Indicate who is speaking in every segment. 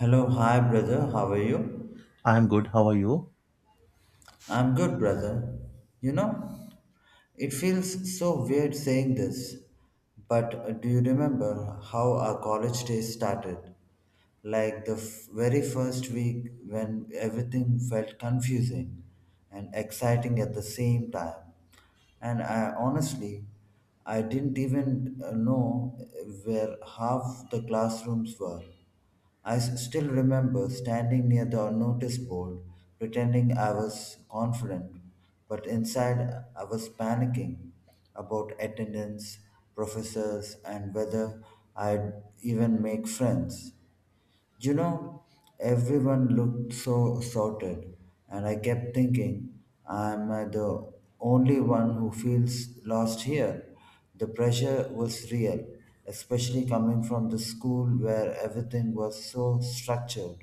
Speaker 1: Hello, hi brother, how are you?
Speaker 2: I'm good. How are you?
Speaker 1: I'm good, brother. You know, it feels so weird saying this, but do you remember how our college days started? Like the very first week when everything felt confusing and exciting at the same time. And I honestly, I didn't even know where half the classrooms were. I still remember standing near the notice board, pretending I was confident, but inside I was panicking about attendance, professors, and whether I'd even make friends. You know, everyone looked so sorted, and I kept thinking, I'm the only one who feels lost here. The pressure was real, especially coming from the school where everything was so structured.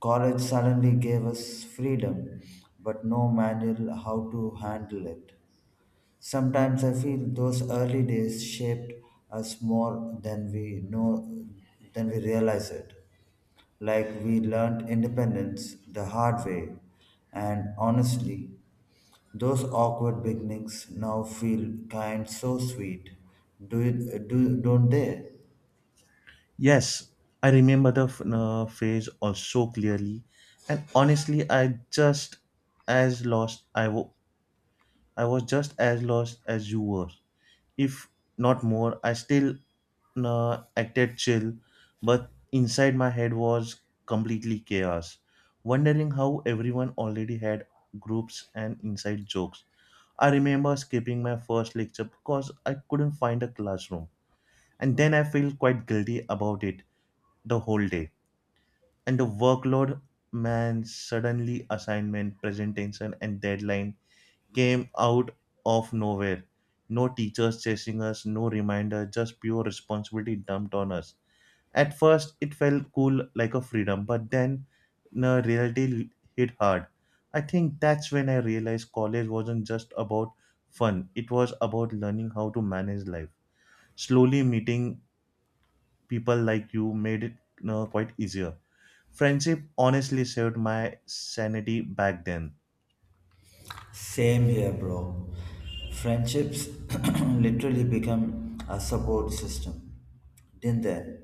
Speaker 1: College suddenly gave us freedom, but no manual how to handle it. Sometimes I feel those early days shaped us more than we know than we realize it. Like we learned independence the hard way, and honestly, those awkward beginnings now feel kind so sweet. Do you, do don't they?
Speaker 2: Yes, I remember the phase all so clearly, and honestly, I just as lost. I was just as lost as you were, if not more. I still acted chill, but inside my head was completely chaos, wondering how everyone already had groups and inside jokes. I remember skipping my first lecture because I couldn't find a classroom and then I feel quite guilty about it the whole day. And the workload, man, suddenly assignment, presentation, and deadline came out of nowhere. No teachers chasing us, no reminder, just pure responsibility dumped on us. At first, it felt cool like a freedom, but then the reality hit hard. I think that's when I realized college wasn't just about fun, it was about learning how to manage life slowly meeting people like you made it quite easier. Friendship honestly saved my sanity back then.
Speaker 1: Same here, bro. Friendships literally become a support system, didn't they?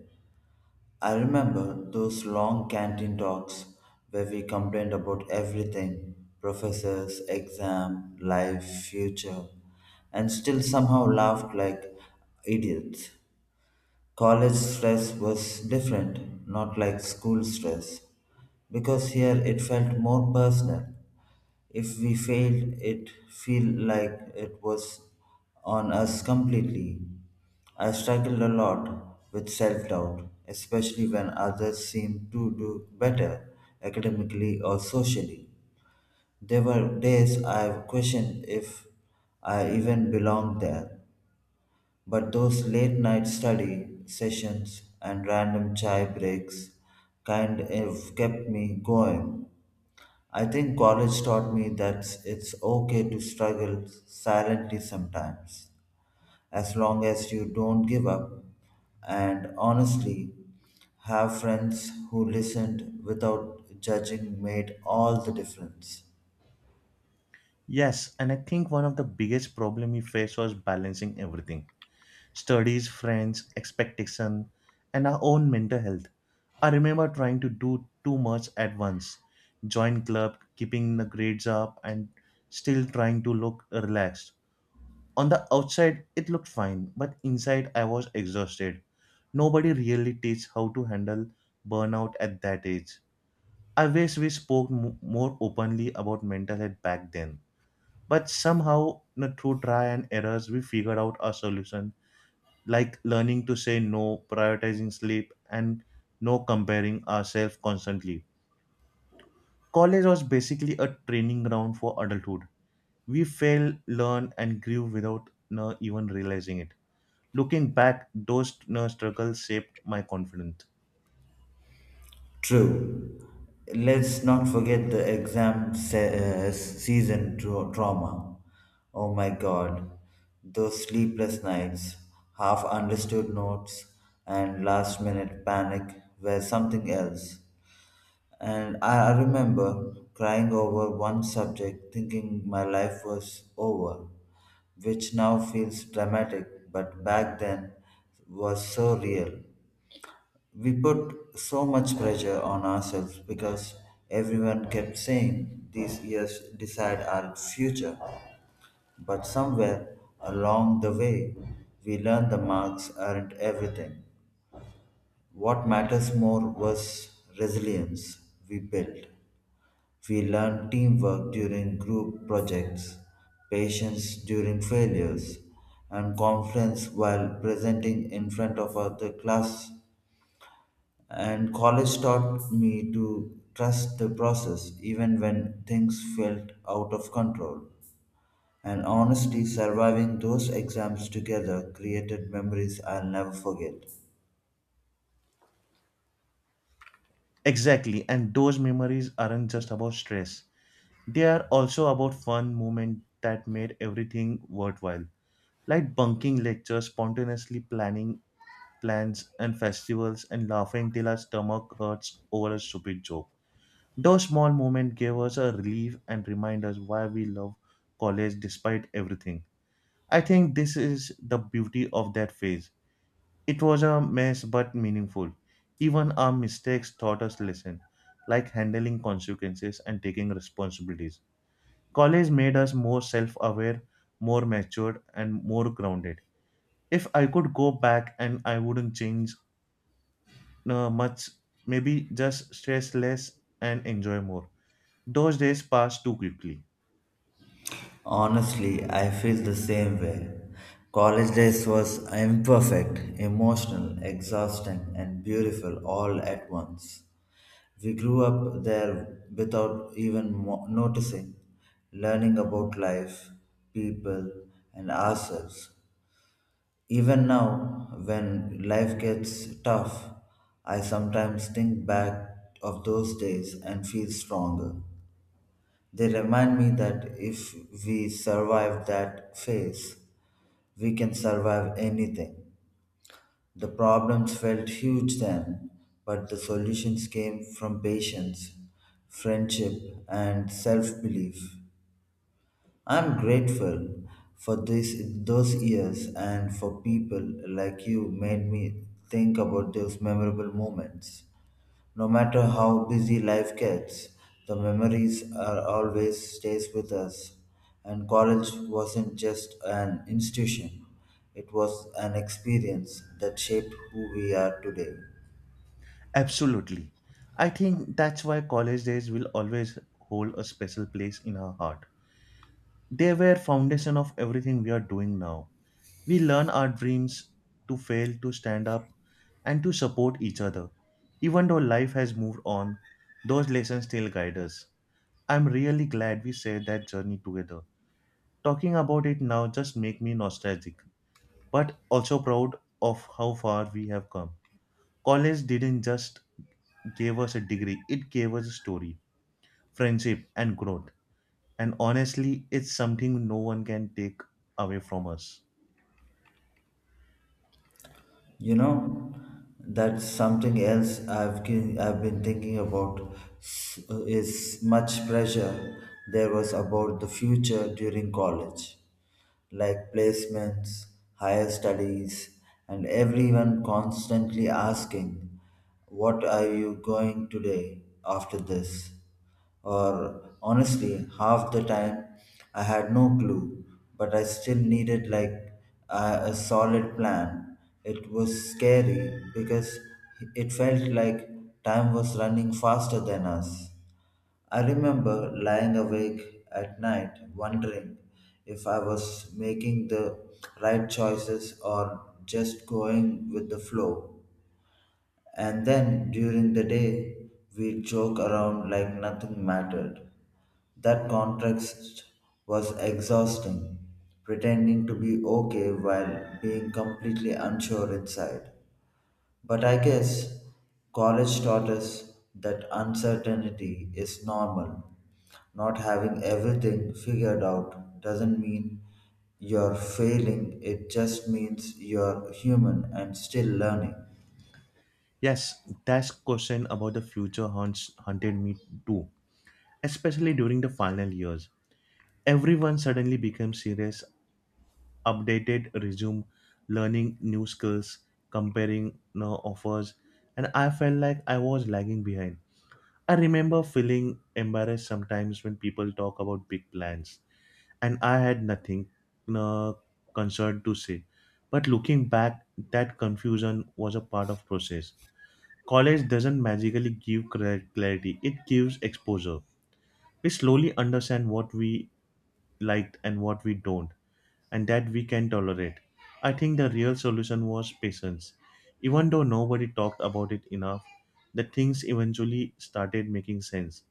Speaker 1: I remember those long canteen talks where we complained about everything professors, exam, life, future, and still somehow laughed like idiots. College stress was different, not like school stress, because here it felt more personal. If we failed, it feel like it was on us completely. I struggled a lot with self-doubt, especially when others seemed to do better academically or socially. There were days I questioned if I even belonged there. But those late night study sessions and random chai breaks kind of kept me going. I think college taught me that it's okay to struggle silently sometimes, as long as you don't give up. And honestly, have friends who listened without judging made all the difference.
Speaker 2: Yes, and I think one of the biggest problem we faced was balancing everything. Studies, friends, expectation, and our own mental health. I remember trying to do too much at once. Join club, keeping the grades up and still trying to look relaxed. On the outside it looked fine, but inside I was exhausted. Nobody really teaches how to handle burnout at that age. I wish we spoke more openly about mental health back then. But somehow, you know, through try and errors, we figured out a solution like learning to say no, prioritizing sleep, and no comparing ourselves constantly. College was basically a training ground for adulthood. We fail, learn, and grew without even realizing it. Looking back, those struggles shaped my confidence.
Speaker 1: True. Let's not forget the exam season trauma. Oh my god, those sleepless nights, half understood notes, and last minute panic were something else. And I remember crying over one subject thinking my life was over, which now feels dramatic, but back then was so real. We put so much pressure on ourselves because everyone kept saying these years decide our future. But somewhere along the way, we learned the marks aren't everything. What matters more was resilience we built. We learned teamwork during group projects, patience during failures, and confidence while presenting in front of the class. And college taught me to trust the process even when things felt out of control. And honestly, surviving those exams together created memories I'll never forget.
Speaker 2: Exactly, and those memories aren't just about stress. They are also about fun moments that made everything worthwhile, like bunking lectures, spontaneously planning plans and festivals, and laughing till our stomach hurts over a stupid joke. Those small moments gave us a relief and remind us why we love college despite everything. I think this is the beauty of that phase it was a mess but meaningful. Even our mistakes taught us lessons, like handling consequences and taking responsibilities. College made us more self aware, more matured, and more grounded. If I could go back and I wouldn't change much, maybe just stress less and enjoy more. Those days pass too quickly.
Speaker 1: Honestly, I feel the same way. College days was imperfect, emotional, exhausting, and beautiful all at once. We grew up there without even noticing, learning about life, people, and ourselves. Even now, when life gets tough, I sometimes think back of those days and feel stronger. They remind me that if we survive that phase, we can survive anything. The problems felt huge then, but the solutions came from patience, friendship, and self belief. I'm grateful for this those years and for people like you made me think about those memorable moments. No matter how busy life gets, the memories are always stays with us. And college wasn't just an institution. It was an experience that shaped who we are today.
Speaker 2: Absolutely. I think that's why college days will always hold a special place in our heart. They were foundation of everything we are doing now. We learn our dreams to fail, to stand up, and to support each other. Even though life has moved on, those lessons still guide us. I'm really glad we shared that journey together. Talking about it now just make me nostalgic, but also proud of how far we have come. College didn't just gave us a degree, it gave us a story, friendship, and growth. And honestly, it's something no one can take away from us.
Speaker 1: You know, that's something else I've been thinking about is much pressure there was about the future during college, like placements, higher studies, and everyone constantly asking, "What are you going today after this?" Or honestly, half the time I had no clue, but I still needed like a solid plan. It was scary because it felt like time was running faster than us. I remember lying awake at night wondering if I was making the right choices or just going with the flow. And then during the day, we'd joke around like nothing mattered. That contrast was exhausting, pretending to be okay while being completely unsure inside. But I guess college taught us that uncertainty is normal. Not having everything figured out doesn't mean you're failing, it just means you're human and still learning.
Speaker 2: Yes, that question about the future haunts haunted me too, especially during the final years. Everyone suddenly became serious, updated resume, learning new skills, comparing offers, and I felt like I was lagging behind. I remember feeling embarrassed sometimes when people talk about big plans and I had nothing uh, concerned to say. But looking back, that confusion was a part of process. College doesn't magically give clarity; it gives exposure. We slowly understand what we liked and what we don't, and that we can tolerate. I think the real solution was patience. Even though nobody talked about it enough, the things eventually started making sense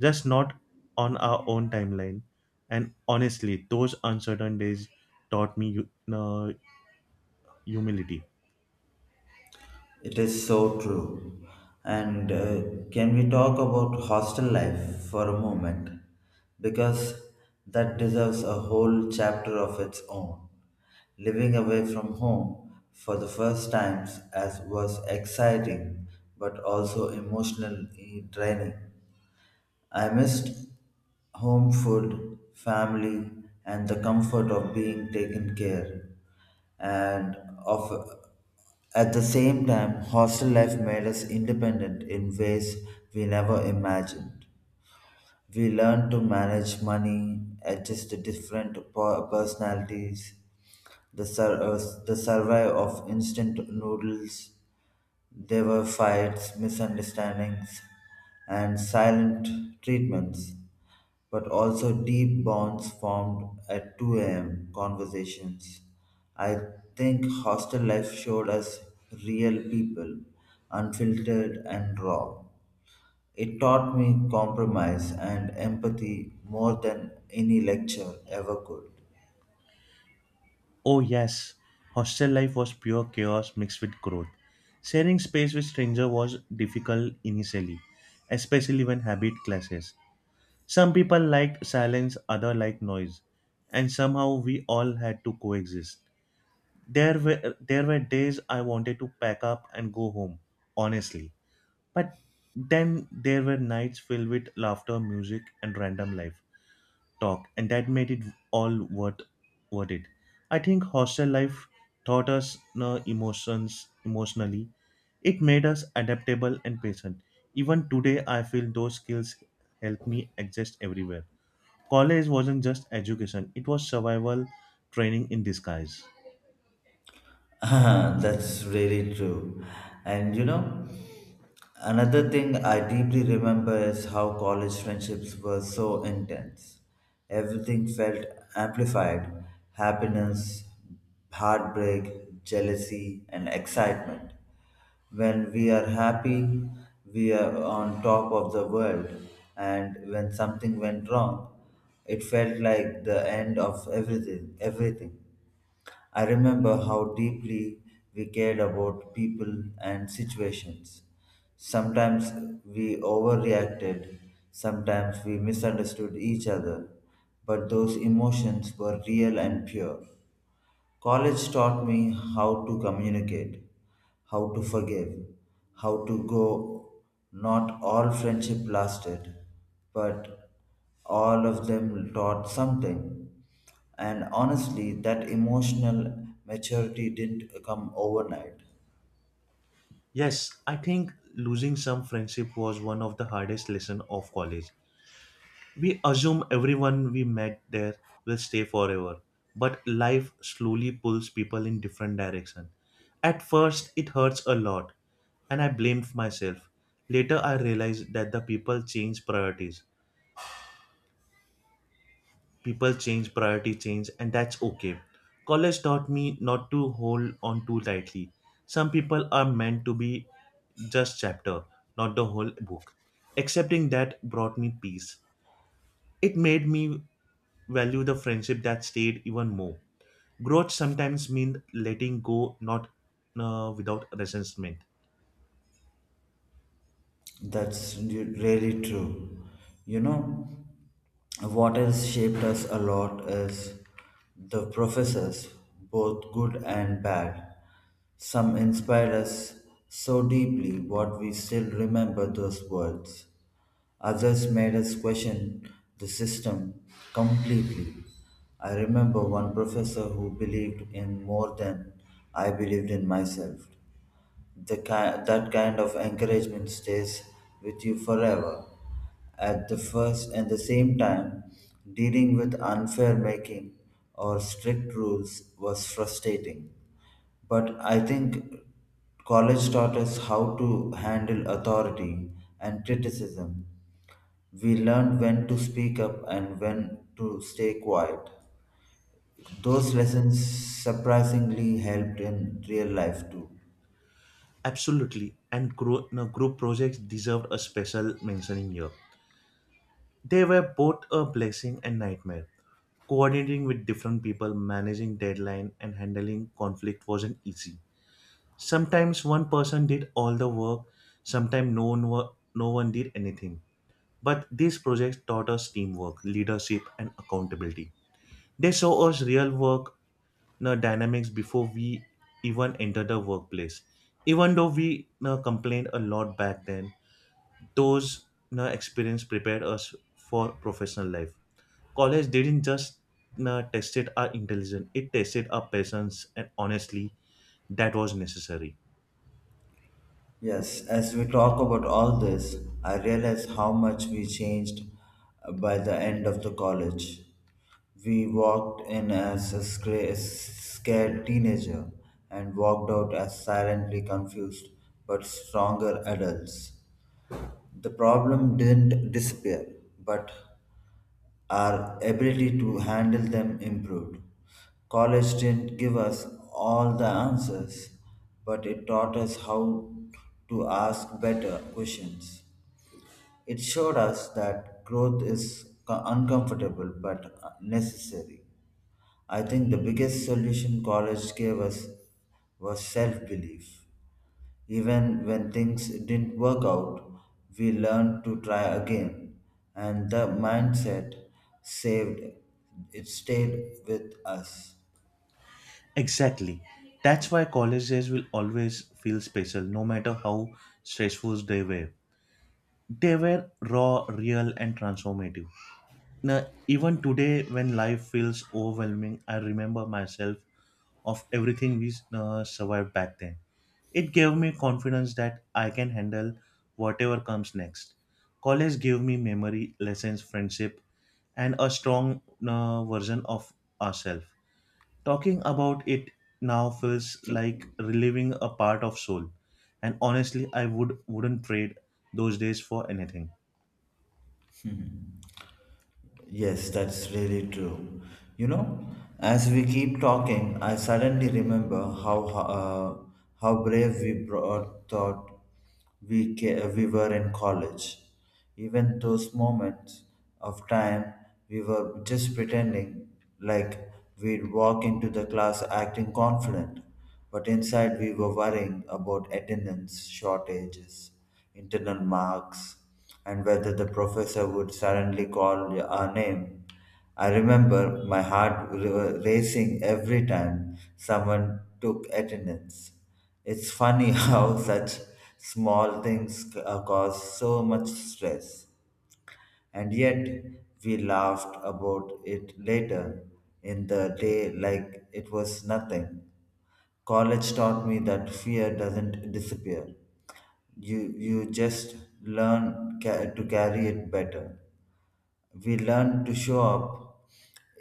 Speaker 2: just not on our own timeline. And honestly, those uncertain days taught me humility.
Speaker 1: It is so true. And can we talk about hostel life for a moment? Because that deserves a whole chapter of its own. Living away from home for the first times as was exciting but also emotionally draining. I missed home food, family, and the comfort of being taken care and of at the same time, hostel life made us independent in ways we never imagined. We learned to manage money, adjust to different personalities, the, sur- uh, the survival of instant noodles. There were fights, misunderstandings, and silent treatments but also deep bonds formed at 2 a.m. conversations. I think hostel life showed us real people, unfiltered and raw. It taught me compromise and empathy more than any lecture ever could.
Speaker 2: Oh, yes, hostel life was pure chaos mixed with growth. Sharing space with strangers was difficult initially, especially when habit clashes. Some people liked silence, others liked noise, and somehow we all had to coexist. There were days I wanted to pack up and go home, honestly. But then there were nights filled with laughter, music, and random life talk, and that made it all worth it. I think hostel life taught us no emotions emotionally. It made us adaptable and patient. Even today, I feel those skills help me exist everywhere. College wasn't just education; it was survival training in disguise.
Speaker 1: That's really true. And you know, another thing I deeply remember is how college friendships were so intense. Everything felt amplified happiness, heartbreak, jealousy, and excitement. When we are happy, we are on top of the world, and when something went wrong, it felt like the end of everything. Everything. I remember how deeply we cared about people and situations. Sometimes we overreacted, sometimes we misunderstood each other, but those emotions were real and pure. College taught me how to communicate, how to forgive, how to go. Not all friendship lasted, but all of them taught something. And honestly, that emotional maturity didn't come overnight.
Speaker 2: Yes, I think losing some friendship was one of the hardest lessons of college. We assume everyone we met there will stay forever, but life slowly pulls people in different direction. At first, it hurts a lot, and I blamed myself. Later, I realized that the people change priorities. People change, priority change, and that's okay. College taught me not to hold on too tightly. Some people are meant to be just chapter, not the whole book. Accepting that brought me peace. It made me value the friendship that stayed even more. Growth sometimes means letting go, not without resentment.
Speaker 1: That's really true. You know, what has shaped us a lot is the professors, both good and bad. Some inspired us so deeply what we still remember those words. Others made us question the system completely. I remember one professor who believed in more than I believed in myself the that kind of encouragement stays with you forever. At the first and the same time, dealing with unfair making or strict rules was frustrating. But I think college taught us how to handle authority and criticism. We learned when to speak up and when to stay quiet. Those lessons surprisingly helped in real life too.
Speaker 2: Absolutely, and gro- no, group projects deserved a special mentioning here. They were both a blessing and nightmare. Coordinating with different people, managing deadline, and handling conflict wasn't easy. Sometimes one person did all the work, sometimes no one did anything. But these projects taught us teamwork, leadership, and accountability. They show us real work dynamics before we even enter the workplace. Even though we complained a lot back then, those experience prepared us for professional life. College didn't just tested our intelligence; it tested our patience, and honestly, that was necessary.
Speaker 1: Yes, as we talk about all this, I realize how much we changed by the end of the college. We walked in as a scared teenager and walked out as silently confused but stronger adults. The problem didn't disappear, but our ability to handle them improved. College didn't give us all the answers, but it taught us how to ask better questions. It showed us that growth is uncomfortable but necessary. I think the biggest solution college gave us was self belief. Even when things didn't work out, we learned to try again, and the mindset saved it stayed with us.
Speaker 2: Exactly. That's why college days will always feel special, no matter how stressful they were. They were raw, real, and transformative. Now, even today, when life feels overwhelming, I remember myself of everything we survived back then. It gave me confidence that I can handle whatever comes next. College gave me memory, lessons, friendship, and a strong version of ourselves. Talking about it now feels like reliving a part of soul, and honestly, I would wouldn't trade those days for anything.
Speaker 1: Yes, that's really true. You know, as we keep talking, I suddenly remember how brave we thought we were in college. Even those moments of time, we were just pretending like we'd walk into the class acting confident. But inside we were worrying about attendance shortages, internal marks, and whether the professor would suddenly call our name. I remember my heart racing every time someone took attendance. It's funny how such small things cause so much stress, and yet we laughed about it later in the day like it was nothing. College taught me that fear doesn't disappear. You just learn to carry it better. We learned to show up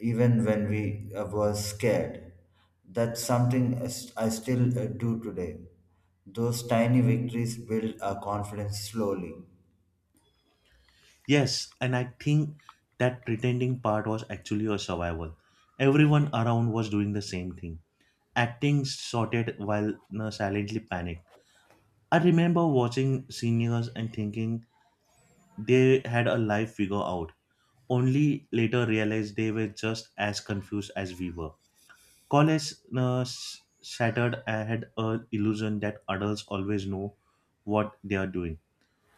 Speaker 1: even when we were scared. That's something I still do today. Those tiny victories build our confidence slowly.
Speaker 2: Yes, and I think that pretending part was actually a survival. Everyone around was doing the same thing, acting sorted while silently panicked. I remember watching seniors and thinking they had a life figure out, only later realized they were just as confused as we were. College shattered I had a illusion that adults always know what they are doing.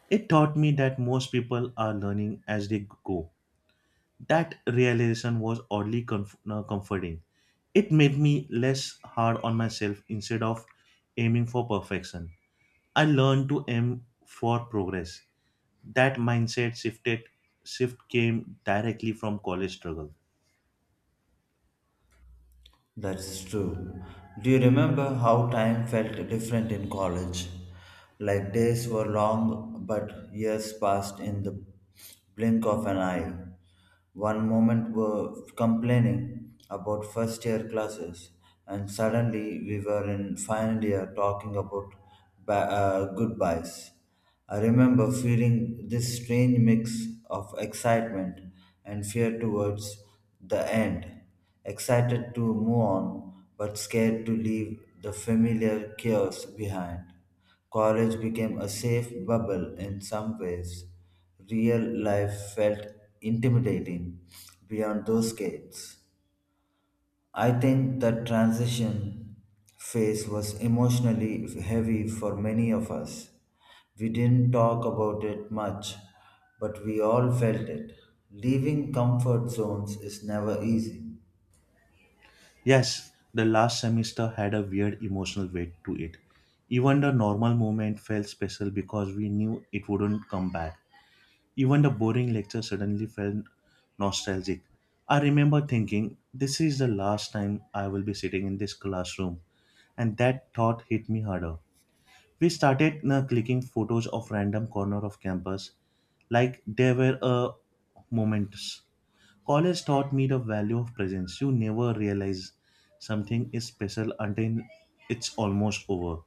Speaker 2: It taught me that most people are learning as they go. That realization was oddly comforting. It made me less hard on myself instead of aiming for perfection. I learned to aim for progress. That mindset shift came directly from college struggle.
Speaker 1: That is true. Do you remember how time felt different in college? Like days were long, but years passed in the blink of an eye. One moment were complaining about first year classes, and suddenly we were in final year talking about goodbyes. I remember feeling this strange mix of excitement and fear towards the end, excited to move on, but scared to leave the familiar chaos behind. College became a safe bubble in some ways. Real life felt intimidating beyond those gates. I think that transition phase was emotionally heavy for many of us. We didn't talk about it much, but we all felt it. Leaving comfort zones is never easy.
Speaker 2: Yes, the last semester had a weird emotional weight to it. Even the normal moment felt special because we knew it wouldn't come back. Even the boring lecture suddenly felt nostalgic. I remember thinking, this is the last time I will be sitting in this classroom, and that thought hit me harder. We started clicking photos of random corner of campus like there were moments. College taught me the value of presence. You never realize something is special until it's almost over.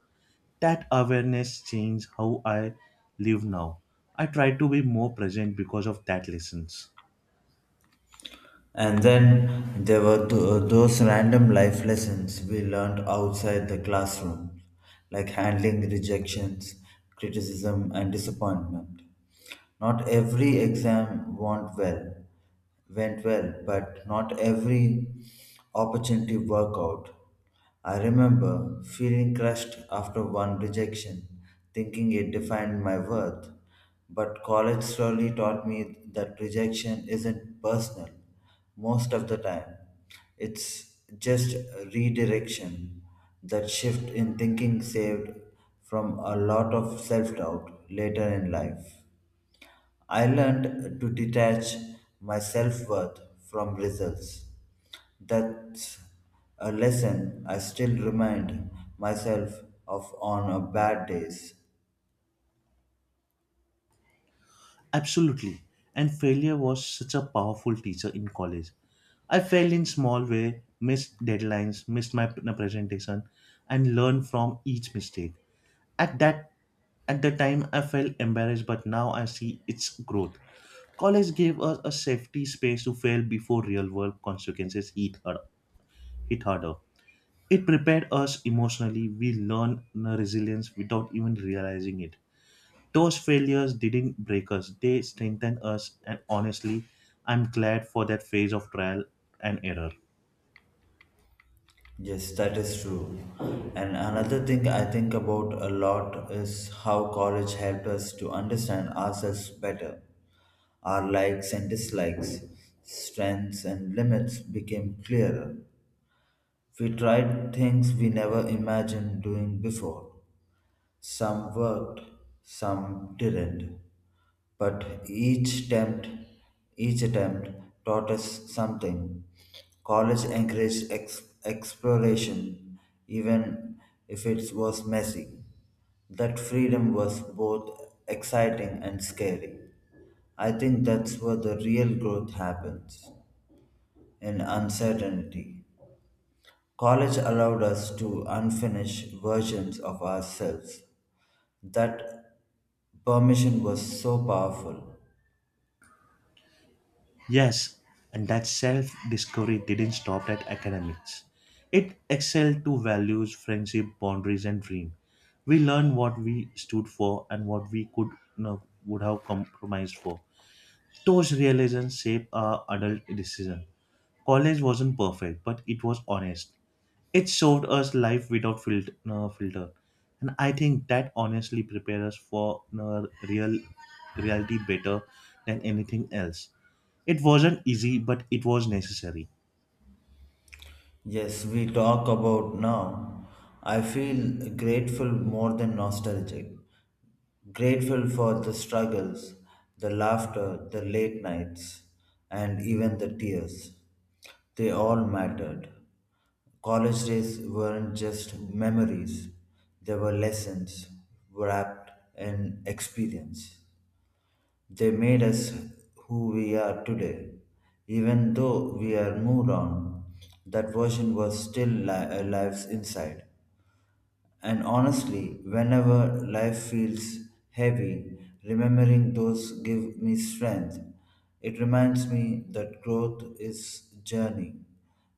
Speaker 2: That awareness changed how I live now. I try to be more present because of that lessons.
Speaker 1: And then there were those random life lessons we learned outside the classroom, like handling rejections, criticism, and disappointment. Not every exam went well, but not every opportunity worked out. I remember feeling crushed after one rejection, thinking it defined my worth. But college slowly taught me that rejection isn't personal most of the time. It's just redirection. That shift in thinking saved from a lot of self doubt later in life. I learned to detach my self worth from results. That's a lesson I still remind myself of on a bad days.
Speaker 2: Absolutely. And failure was such a powerful teacher in college. I failed in small way, missed deadlines, missed my presentation, and learned from each mistake. At that at the time I felt embarrassed, but now I see its growth. College gave us a safety space to fail before real world consequences hit harder. It prepared us emotionally. We learned resilience without even realizing it. Those failures didn't break us, they strengthened us, and honestly, I'm glad for that phase of trial and error.
Speaker 1: Yes, that is true. And another thing I think about a lot is how college helped us to understand ourselves better. Our likes and dislikes, strengths and limits became clearer. We tried things we never imagined doing before. Some worked, some didn't, but each attempt taught us something. College encouraged exploration, even if it was messy. That freedom was both exciting and scary. I think that's where the real growth happens in uncertainty. College allowed us to unfinished versions of ourselves that Permission was so powerful.
Speaker 2: Yes, and that self discovery didn't stop at academics. It excelled to values, friendship, boundaries, and dream. We learned what we stood for and what we could would have compromised for. Those realizations shape our adult decision. College wasn't perfect, but it was honest. It showed us life without filter, no filter. And I think that honestly prepares us for reality better than anything else. It wasn't easy, but it was necessary.
Speaker 1: Yes, we talk about now. I feel grateful more than nostalgic. Grateful for the struggles, the laughter, the late nights, and even the tears. They all mattered. College days weren't just memories, they were lessons wrapped in experience. They made us who we are today. Even though we are moved on, that version was still alive inside. And honestly, whenever life feels heavy, remembering those give me strength. It reminds me that growth is journey,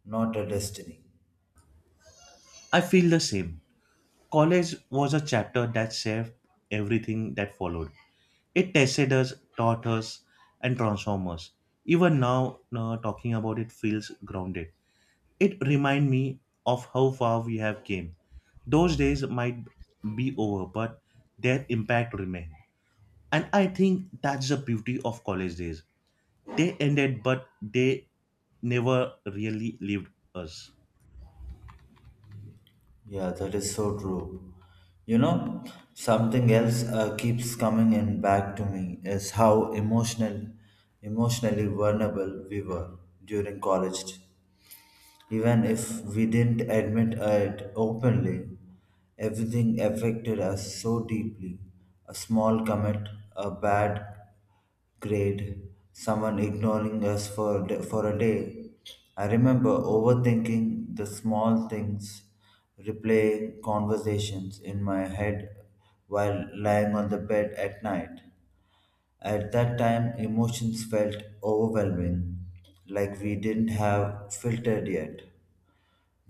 Speaker 1: not a destiny.
Speaker 2: I feel the same. College was a chapter that shaped everything that followed. It tested us, taught us, and transformed us. Even now, talking about it feels grounded. It reminds me of how far we have came. Those days might be over, but their impact remains. And I think that's the beauty of college days. They ended, but they never really leaved us.
Speaker 1: Yeah, that is so true. You know, something else keeps coming in back to me is how emotionally vulnerable we were during college. Even if we didn't admit it openly, everything affected us so deeply. A small comment, a bad Great. Someone ignoring us for a day. I remember overthinking the small things, replaying conversations in my head while lying on the bed at night. At that time, emotions felt overwhelming, like we didn't have filtered yet.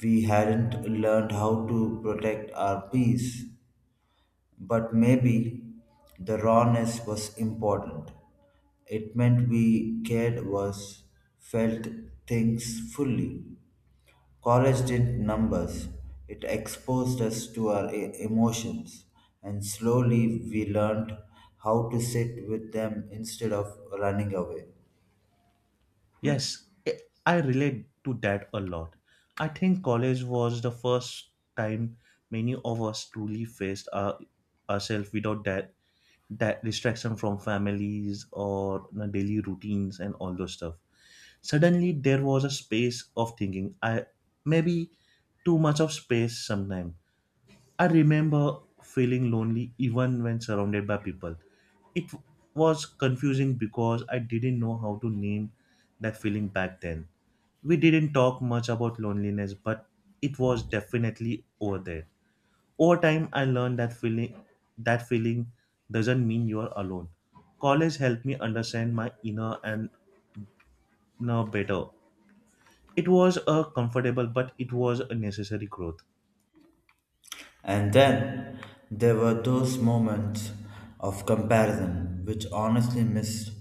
Speaker 1: We hadn't learned how to protect our peace, but maybe the rawness was important. It meant we cared was felt things fully. College didn't numbers. It exposed us to our emotions, and slowly we learned how to sit with them instead of running away.
Speaker 2: Yes, I relate to that a lot. I think college was the first time many of us truly faced ourselves without that distraction from families or you daily routines and all those stuff. Suddenly, there was a space of thinking. I maybe too much of space sometimes. I remember feeling lonely even when surrounded by people. It was confusing because I didn't know how to name that feeling back then. We didn't talk much about loneliness, but it was definitely over there. Over time, I learned that feeling doesn't mean you are alone. College helped me understand my inner and now better. It was a comfortable, but it was a necessary growth.
Speaker 1: And then there were those moments of comparison which honestly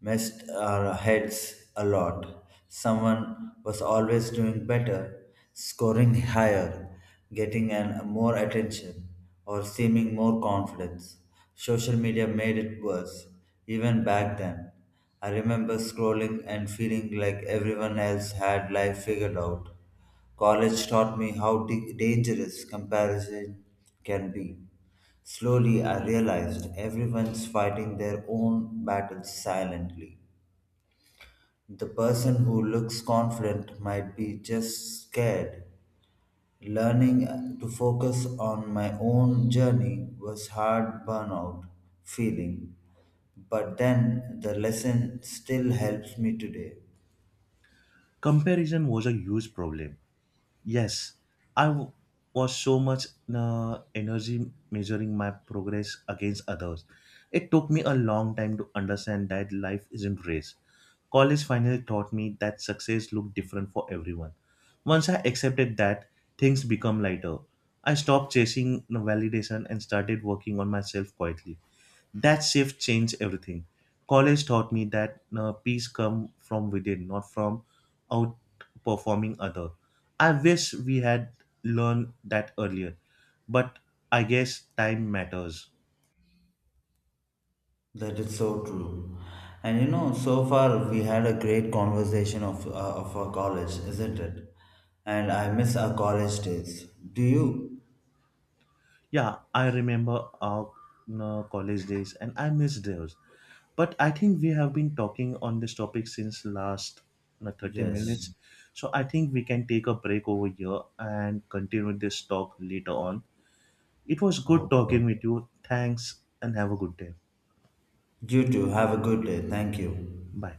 Speaker 1: messed our heads a lot. Someone was always doing better, scoring higher, getting more attention, or seeming more confidence. Social media made it worse, even back then. I remember scrolling and feeling like everyone else had life figured out. College taught me how dangerous comparison can be. Slowly, I realized everyone's fighting their own battles silently. The person who looks confident might be just scared. Learning to focus on my own journey was hard burnout feeling, but then the lesson still helps me today.
Speaker 2: Comparison was a huge problem. Yes, I w- was so much energy measuring my progress against others. It took me a long time to understand that life isn't race. College finally taught me that success looked different for everyone. Once I accepted that, things become lighter. I stopped chasing the validation and started working on myself quietly. That shift changed everything. College taught me that peace come from within, not from outperforming other. I wish we had learned that earlier, but I guess time matters.
Speaker 1: That is so true. And you know, so far we had a great conversation of our college, isn't it? And I miss our college days. Do you?
Speaker 2: Yeah, I remember our college days and I miss those, but I think we have been talking on this topic since last 30 minutes.
Speaker 1: Yes.
Speaker 2: So I think we can take a break over here and continue this talk later on. It was good
Speaker 1: Okay.
Speaker 2: talking
Speaker 1: Okay.
Speaker 2: with you. Thanks and have a good day.
Speaker 1: You too. Have a good day. Thank you.
Speaker 2: Bye.